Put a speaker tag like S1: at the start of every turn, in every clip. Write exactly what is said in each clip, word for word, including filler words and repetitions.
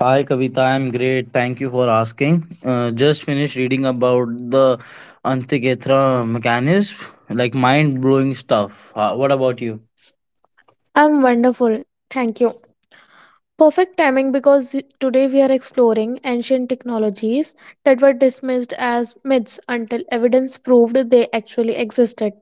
S1: Hi Kavita, I'm great. Thank you for asking. Uh, just finished reading about the Antikethra mechanism, like mind blowing stuff. Uh, what about you?
S2: I'm wonderful, thank you. Perfect timing because today we are exploring ancient technologies that were dismissed as myths until evidence proved they actually existed.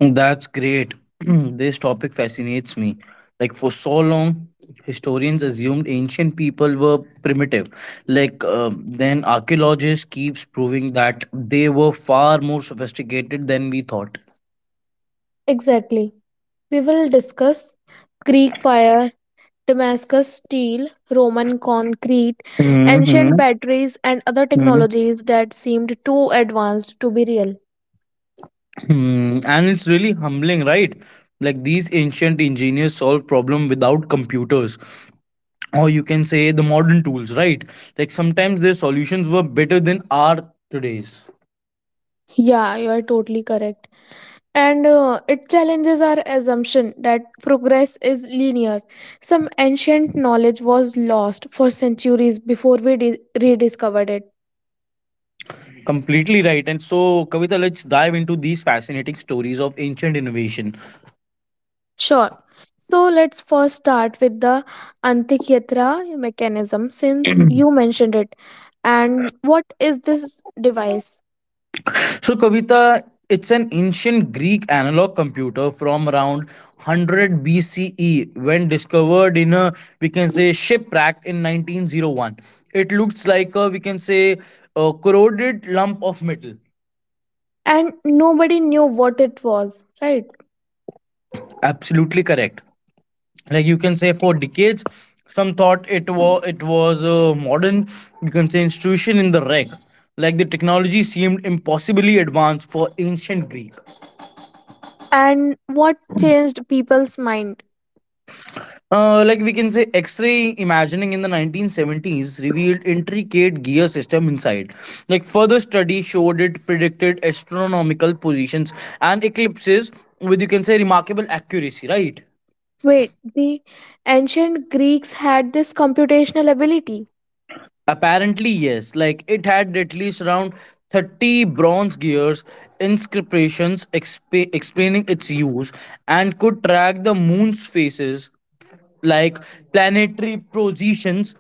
S1: That's great. This topic fascinates me. Like for so long, historians assumed ancient people were primitive. Like uh, then archaeologists keeps proving that they were far more sophisticated than we thought.
S2: Exactly. We will discuss Greek fire, Damascus steel, Roman concrete, ancient
S1: Hmm.
S2: batteries, and other technologies that seemed too advanced to be real.
S1: Hmm, and it's really humbling, right? Like these ancient engineers solve problem without computers, or you can say the modern tools, right? Like sometimes their solutions were better than our today's.
S2: Yeah, you are totally correct. And uh, It challenges our assumption that progress is linear. Some ancient knowledge was lost for centuries before we di- rediscovered it.
S1: Completely right. And so, Kavita, let's dive into these fascinating stories of ancient innovation.
S2: Sure. So let's first start with the Antikythera mechanism since you mentioned it. And what is this device?
S1: So, Kavita, it's an ancient Greek analog computer from around one hundred B C E when discovered in a, we can say, shipwreck in nineteen oh one. It looks like a, we can say, a corroded lump of metal.
S2: And nobody knew what it was, right?
S1: Absolutely correct. Like you can say, for decades, some thought it was it was a modern, you can say, institution in the wreck. Like the technology seemed impossibly advanced for ancient Greek.
S2: And what changed people's mind?
S1: Uh, like we can say x-ray imagining in the nineteen seventies revealed intricate gear system inside. Like further study showed it predicted astronomical positions and eclipses with, you can say, remarkable accuracy, right?
S2: Wait, the ancient Greeks had this computational ability.
S1: Apparently yes. Like it had at least around thirty bronze gears, inscriptions exp- explaining its use, and could track the moon's phases, like planetary positions,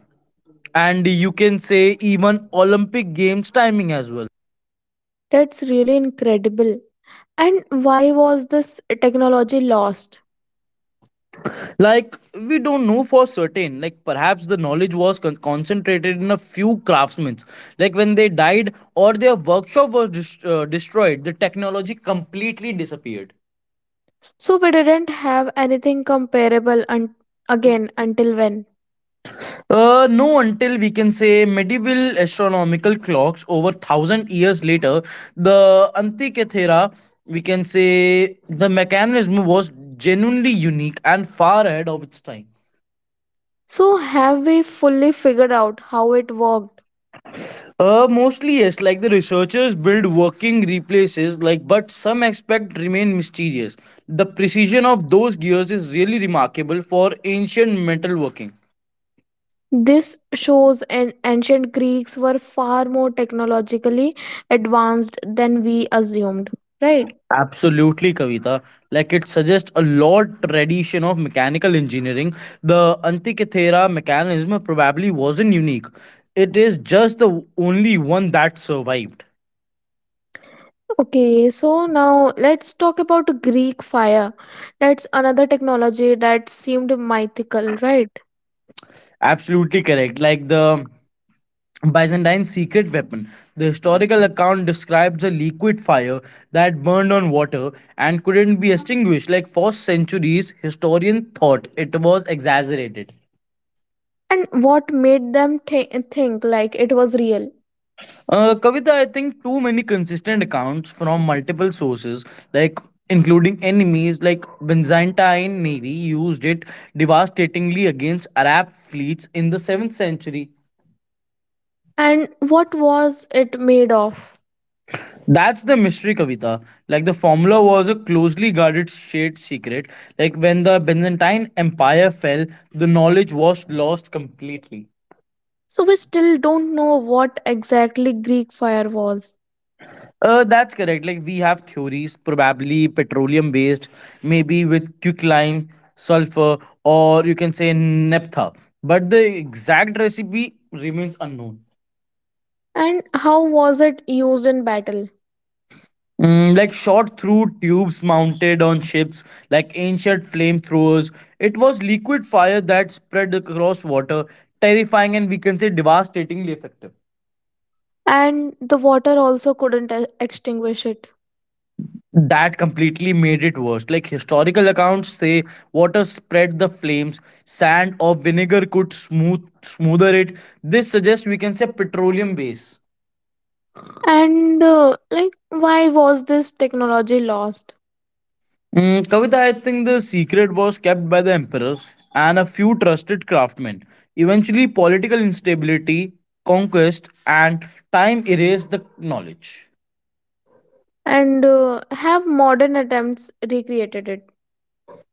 S1: and you can say even Olympic Games timing as well.
S2: That's really incredible. And why was this technology lost?
S1: Like we don't know for certain. Like perhaps the knowledge was con- concentrated in a few craftsmen. Like when they died or their workshop was dis- uh, destroyed, the technology completely disappeared.
S2: So we didn't have anything comparable un- again until when?
S1: Uh, no until we can say medieval astronomical clocks over thousand years later. The Antikythera, we can say, the mechanism was genuinely unique and far ahead of its time.
S2: So have we fully figured out how it worked?
S1: Uh, mostly yes. Like the researchers build working replaces, like but some aspects remain mysterious. The precision of those gears is really remarkable for ancient metalworking.
S2: This shows an ancient Greeks were far more technologically advanced than we assumed, right?
S1: Absolutely, Kavita. Like it suggests a lot tradition of mechanical engineering. The Antikythera mechanism probably wasn't unique. It is just the only one that survived.
S2: Okay, so now let's talk about Greek fire. That's another technology that seemed mythical, right?
S1: Absolutely correct. Like the Byzantine secret weapon. The historical account describes a liquid fire that burned on water and couldn't be extinguished. Like for centuries, historians thought it was exaggerated.
S2: And what made them thi- think like it was real?
S1: Uh, Kavita, I think too many consistent accounts from multiple sources, like including enemies. Like Byzantine navy used it devastatingly against Arab fleets in the seventh century.
S2: And what was it made of?
S1: That's the mystery, Kavita. Like the formula was a closely guarded state secret. Like when the Byzantine Empire fell, the knowledge was lost completely.
S2: So we still don't know what exactly Greek fire was.
S1: Uh, that's correct. Like we have theories, probably petroleum based, maybe with quicklime, sulfur, or you can say naphtha. But the exact recipe remains unknown.
S2: And how was it used in battle?
S1: Mm, like shot through tubes mounted on ships, like ancient flamethrowers. It was liquid fire that spread across water, terrifying and we can say devastatingly effective.
S2: And the water also couldn't e- extinguish it?
S1: That completely made it worse. Like historical accounts say, water spread the flames, sand or vinegar could smooth smoother it. This suggests, we can say, petroleum base.
S2: And uh, like why was this technology lost?
S1: Mm, Kavita, I think the secret was kept by the emperors and a few trusted craftsmen. Eventually, political instability, conquest, and time erased the knowledge.
S2: And uh, have modern attempts recreated it?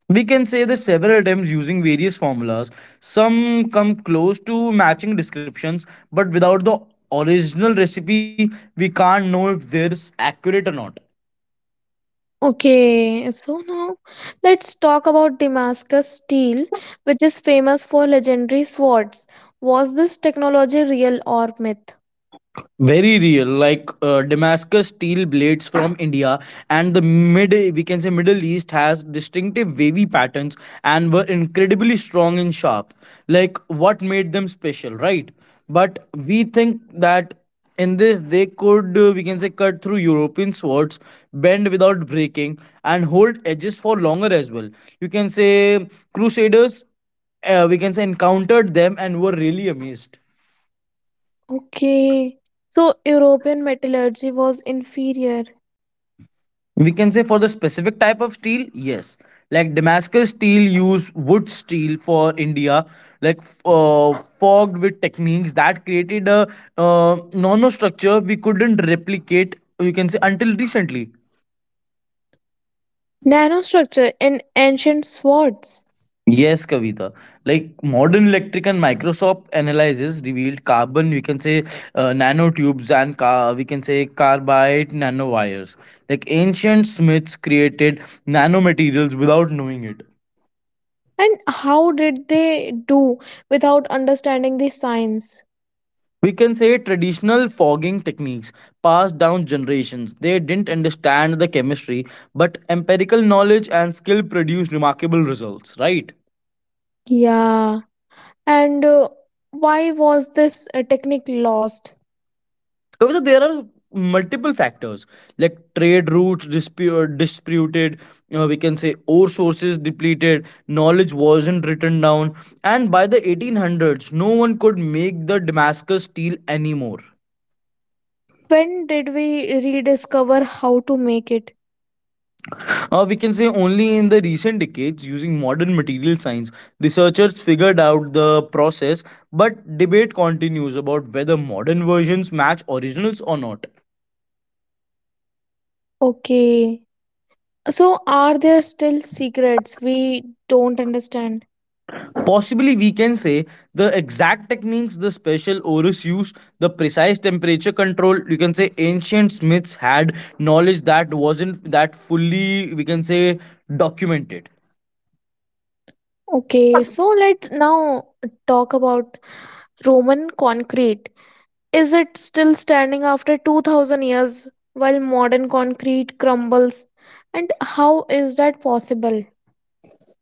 S1: We can say that several attempts using various formulas, some come close to matching descriptions, but without the original recipe, we can't know if they're accurate or not.
S2: Okay, so now let's talk about Damascus steel, which is famous for legendary swords. Was this technology real or myth?
S1: Very real. Like uh, Damascus steel blades from India and the mid we can say Middle East has distinctive wavy patterns and were incredibly strong and sharp. Like what made them special, right? But we think that in this they could, uh, we can say, cut through European swords, bend without breaking, and hold edges for longer as well. You can say Crusaders, uh, we can say, encountered them and were really amazed.
S2: Okay, so European metallurgy was inferior.
S1: We can say for the specific type of steel, yes. Like Damascus steel use wood steel for India, like f- uh, fogged with techniques that created a uh, nanostructure we couldn't replicate. You can say until recently.
S2: Nanostructure in ancient swords.
S1: Yes, Kavita. Like modern electric and Microsoft analysis revealed carbon, we can say, uh, nanotubes and car, we can say carbide nanowires. Like ancient Smiths created nanomaterials without knowing it.
S2: And how did they do without understanding the science?
S1: We can say traditional fogging techniques passed down generations. They didn't understand the chemistry, but empirical knowledge and skill produced remarkable results, right?
S2: Yeah, and uh, why was this uh, technique lost?
S1: Because there are multiple factors, like trade routes dispute, disputed, uh, we can say ore sources depleted, knowledge wasn't written down, and by the eighteen hundreds no one could make the Damascus steel anymore.
S2: When did we rediscover how to make it?
S1: Uh, we can say only in the recent decades, using modern material science, researchers figured out the process, but debate continues about whether modern versions match originals or not.
S2: Okay. So, are there still secrets we don't understand?
S1: Possibly, we can say, the exact techniques, the special orus use, the precise temperature control. You can say ancient Smiths had knowledge that wasn't that fully, we can say, documented.
S2: Okay, so let's now talk about Roman concrete. Is it still standing after two thousand years while modern concrete crumbles? And how is that possible?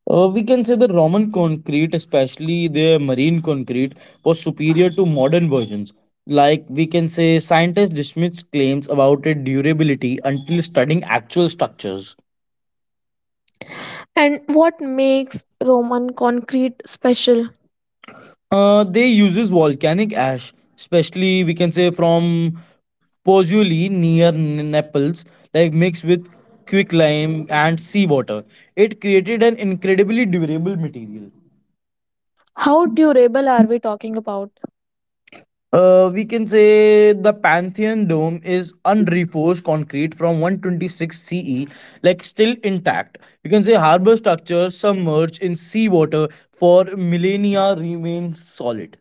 S1: Uh, we can say the Roman concrete, especially their marine concrete, was superior to modern versions. Like we can say, scientists dismissed claims about its durability until studying actual structures.
S2: And what makes Roman concrete special?
S1: Uh, they uses volcanic ash, especially we can say from Pozzuoli near N- Naples, like mixed with quicklime and seawater. It created an incredibly durable material.
S2: How durable are we talking about?
S1: Uh, we can say the Pantheon dome is unreforced concrete from one twenty-six C E, like still intact. You can say harbor structures submerged in seawater for millennia remain solid.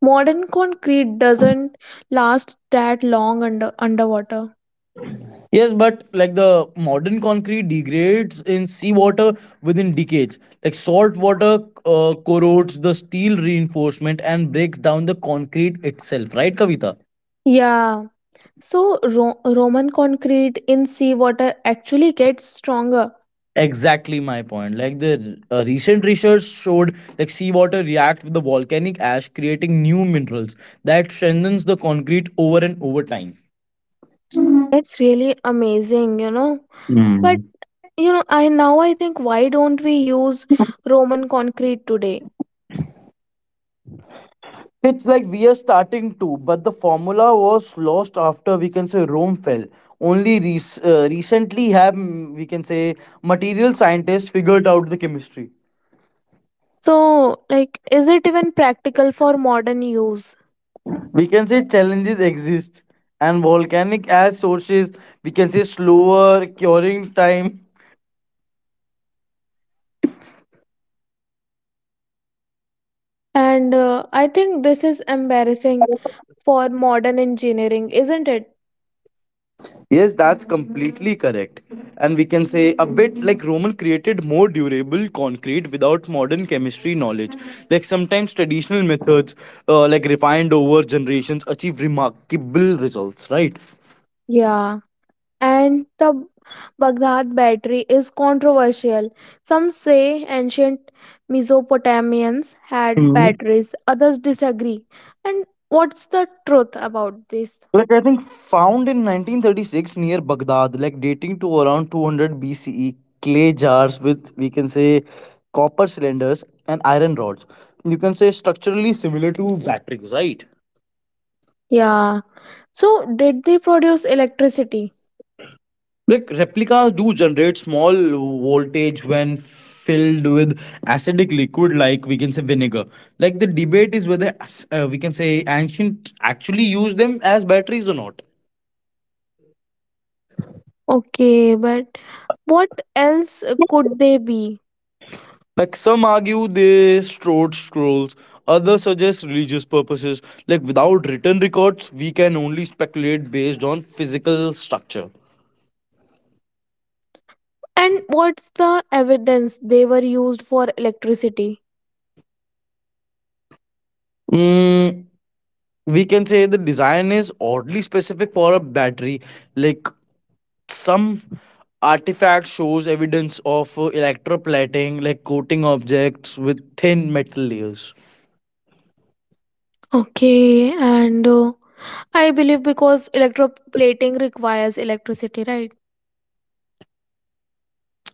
S2: Modern concrete doesn't last that long under underwater.
S1: Yes, but like the modern concrete degrades in seawater within decades. Like salt water uh, corrodes the steel reinforcement and breaks down the concrete itself, right, Kavita?
S2: Yeah. So Ro- Roman concrete in seawater actually gets stronger.
S1: Exactly my point. Like the uh, recent research showed, like seawater react with the volcanic ash, creating new minerals that strengthens the concrete over and over time.
S2: That's really amazing, you know. But
S1: Mm.
S2: you know, I now I think, why don't we use Roman concrete today?
S1: It's like we are starting to, but the formula was lost after we can say Rome fell. Only rec- uh, recently have mm, we can say material scientists figured out the chemistry.
S2: So like, is it even practical for modern use?
S1: We can say challenges exist, and volcanic ash sources, we can say, slower curing time.
S2: And uh, I think this is embarrassing for modern engineering, isn't it?
S1: Yes, that's completely correct. And we can say a bit like Roman created more durable concrete without modern chemistry knowledge. Like sometimes traditional methods, uh, like refined over generations, achieve remarkable results, right?
S2: Yeah. And the Baghdad battery is controversial. Some say ancient Mesopotamians had
S1: Hmm.
S2: batteries, others disagree. And what's the truth about this?
S1: Like I think found in nineteen thirty-six near Baghdad, like dating to around two hundred B C E, clay jars with we can say copper cylinders and iron rods. You can say structurally similar to batteries, right?
S2: Yeah. So, did they produce electricity?
S1: Like replicas do generate small voltage when filled with acidic liquid, like we can say vinegar. Like the debate is whether uh, we can say ancient actually used them as batteries or not.
S2: Okay, but what else could they be?
S1: Like some argue they stored scrolls, others suggest religious purposes. Like without written records, we can only speculate based on physical structure.
S2: And what's the evidence they were used for electricity?
S1: Mm, we can say the design is oddly specific for a battery. Like some artifact shows evidence of uh, electroplating, like coating objects with thin metal layers.
S2: Okay, and uh, I believe because electroplating requires electricity, right?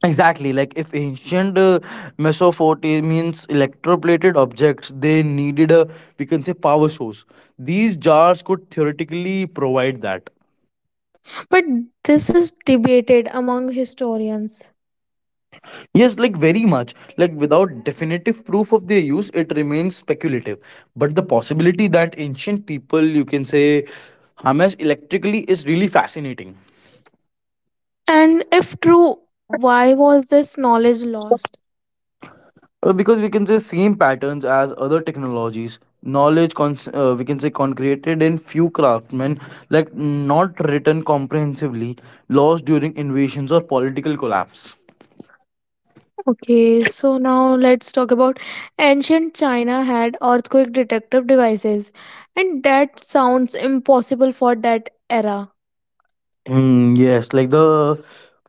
S1: Exactly. Like if ancient uh, Mesopotamians electroplated objects, they needed a, we can say, power source. These jars could theoretically provide that.
S2: But this is debated among historians.
S1: Yes, like very much. Like without definitive proof of their use, it remains speculative, but the possibility that ancient people, you can say, harness electrically is really fascinating.
S2: And if true, why was this knowledge lost?
S1: Uh, because we can say same patterns as other technologies, knowledge cons- uh, we can say concreted in few craftsmen, like not written comprehensively, lost during invasions or political collapse.
S2: Okay, so now let's talk about ancient China had earthquake detective devices, and that sounds impossible for that era.
S1: Mm, yes, like the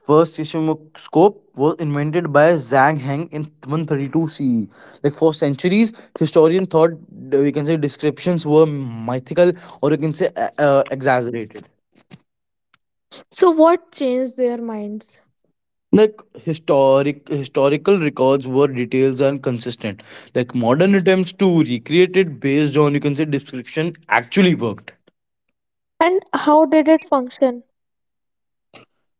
S1: first seismoscope was invented by Zhang Heng in one thirty-two C E. Like for centuries, historians thought uh, we can say descriptions were mythical, or you can say uh, uh, exaggerated.
S2: So, what changed their minds?
S1: Like historic historical records were details and consistent. Like modern attempts to recreate it based on, you can say, description actually worked.
S2: And how did it function?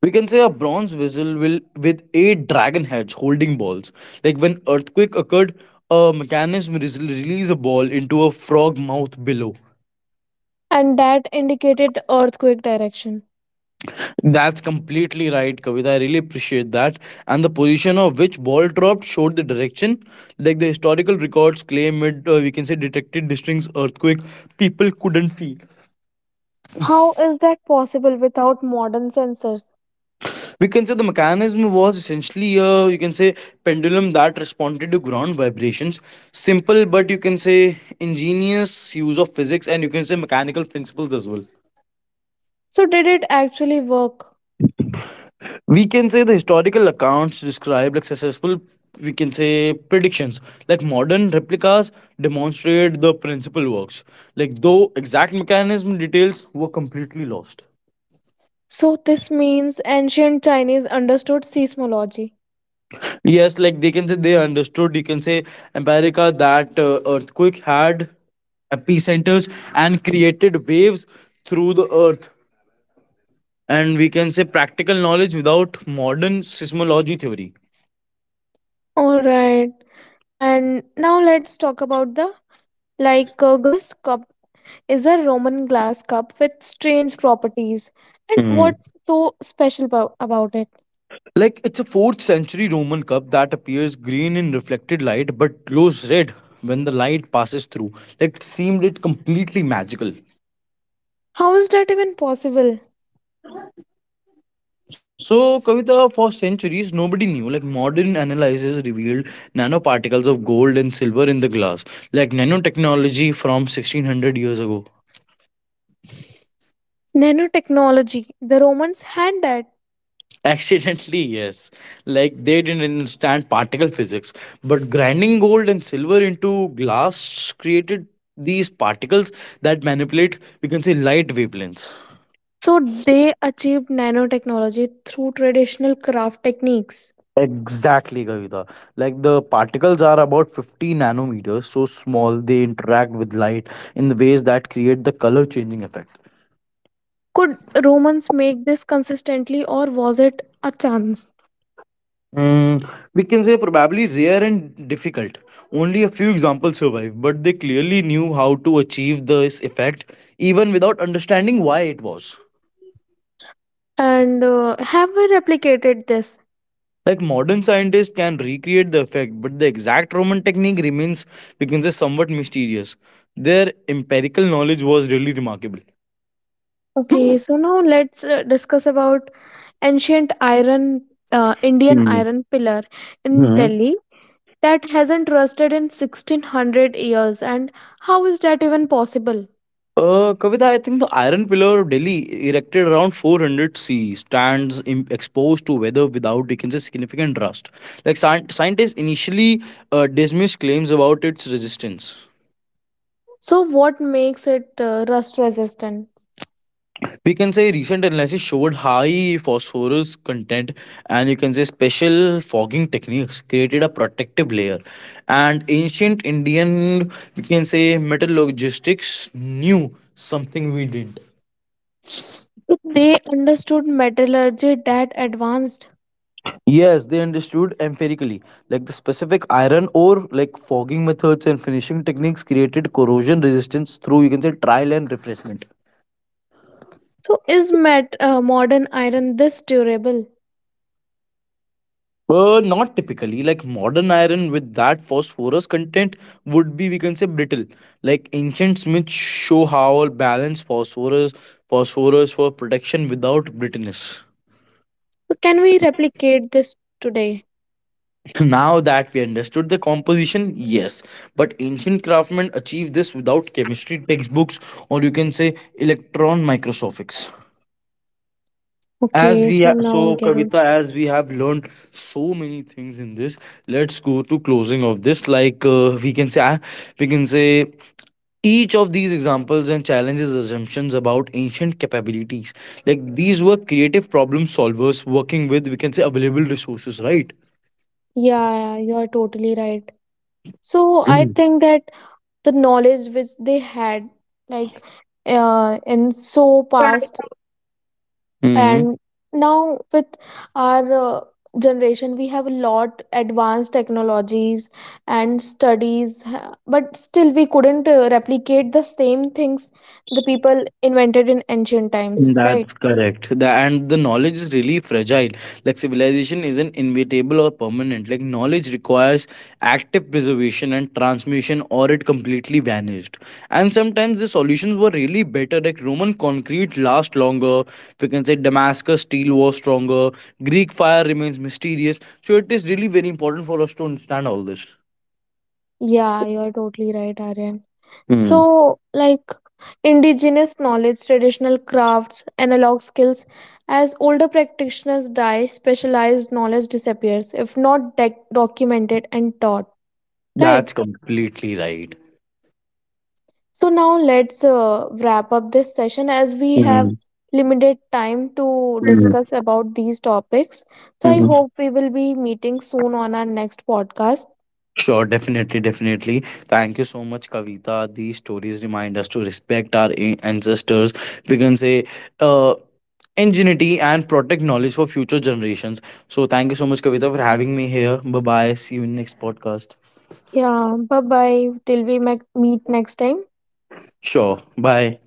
S1: We can say a bronze vessel will with eight dragon heads holding balls. Like when earthquake occurred, a mechanism res- released a ball into a frog mouth below.
S2: And that indicated earthquake direction.
S1: That's completely right, Kavita. I really appreciate that. And the position of which ball dropped showed the direction. Like the historical records claim it, uh, we can say, detected distinct earthquake people couldn't feel.
S2: How is that possible without modern sensors?
S1: We can say the mechanism was essentially a, you can say, pendulum that responded to ground vibrations. Simple, but you can say ingenious use of physics and you can say mechanical principles as well.
S2: So, did it actually work?
S1: We can say the historical accounts describe like successful, we can say, predictions. Like modern replicas demonstrate the principal works, like though exact mechanism details were completely lost.
S2: So this means ancient Chinese understood seismology.
S1: Yes, like they can say they understood, you can say, america that uh, earthquake had epicenters and created waves through the earth, and we can say practical knowledge without modern seismology theory.
S2: All right. And now let's talk about the Lycurgus cup is a Roman glass cup with strange properties. And what's so special about, about it?
S1: Like it's a fourth century Roman cup that appears green in reflected light but glows red when the light passes through. Like it seemed it completely magical.
S2: How is that even possible?
S1: So, Kavita, for centuries, nobody knew. Like, modern analysis revealed nanoparticles of gold and silver in the glass, like nanotechnology from sixteen hundred years ago.
S2: Nanotechnology. The Romans had that.
S1: Accidentally, yes. Like they didn't understand particle physics, but grinding gold and silver into glass created these particles that manipulate, we can say, light wavelengths.
S2: So they achieved nanotechnology through traditional craft techniques.
S1: Exactly, Kavita. Like the particles are about fifty nanometers, so small they interact with light in the ways that create the color changing effect.
S2: Could Romans make this consistently or was it a chance?
S1: Mm, we can say probably rare and difficult. Only a few examples survive, but they clearly knew how to achieve this effect even without understanding why it was.
S2: And uh, have we replicated this?
S1: Like modern scientists can recreate the effect, but the exact Roman technique remains, we can say, somewhat mysterious. Their empirical knowledge was really remarkable.
S2: Okay, so now let's uh, discuss about ancient iron, uh, Indian iron pillar in
S1: Hmm.
S2: Delhi that hasn't rusted in sixteen hundred years, and how is that even possible?
S1: Uh, Kavita, I think the Iron Pillar of Delhi, erected around four hundred C stands im- exposed to weather without, you can say, significant rust. Like scien- scientists initially uh, dismissed claims about its resistance.
S2: So, what makes it uh, rust resistant?
S1: We can say recent analysis showed high phosphorus content, and you can say special fogging techniques created a protective layer. And ancient Indian, we can say, metallurgists knew something we did.
S2: So they understood metallurgy that advanced.
S1: Yes, they understood empirically, like the specific iron ore, like fogging methods and finishing techniques created corrosion resistance through, you can say, trial and replacement.
S2: So, is met, uh, modern iron this durable?
S1: Uh, not typically. Like modern iron with that phosphorus content would be, we can say, brittle. Like ancient smiths show how balance phosphorus phosphorus for protection without brittleness.
S2: So can we replicate this today?
S1: So now that we understood the composition, yes, but ancient craftsmen achieved this without chemistry textbooks or, you can say, electron microscopics. As
S2: Okay,
S1: we
S2: so
S1: ha-
S2: now I
S1: so
S2: get it.
S1: Kavita, as we have learned so many things in this, let's go to closing of this. Like uh, we can say, I- we can say each of these examples and challenges assumptions about ancient capabilities. Like these were creative problem solvers working with, we can say, available resources, right?
S2: Yeah, you're totally right. So I
S1: Mm.
S2: think that the knowledge which they had, like, uh, in so past
S1: Mm.
S2: and now with our uh, generation, we have a lot advanced technologies and studies, ha- but still we couldn't uh, replicate the same things the people invented in ancient times, right?
S1: That's correct. The, and the knowledge is really fragile. Like civilization isn't inevitable or permanent. Like knowledge requires active preservation and transmission, or it completely vanished. And sometimes the solutions were really better. Like Roman concrete lasts longer. We can say Damascus steel was stronger. Greek fire remains mysterious. So it is really very important for us to understand all this.
S2: Yeah, you're totally right, Aryan.
S1: Hmm.
S2: So, like indigenous knowledge, traditional crafts, analog skills, as older practitioners die, specialized knowledge disappears if not dec documented and taught, right?
S1: That's completely right.
S2: So, now let's uh, wrap up this session as we have
S1: Hmm.
S2: limited time to discuss about these topics. So, I
S1: Hmm.
S2: hope we will be meeting soon on our next podcast.
S1: Sure, definitely, definitely. Thank you so much, Kavita. These stories remind us to respect our a- ancestors. We can say, uh, ingenuity and protect knowledge for future generations. So, thank you so much, Kavita, for having me here. Bye bye. See you in next podcast.
S2: Yeah, bye bye. Till we mac- meet next time.
S1: Sure. Bye.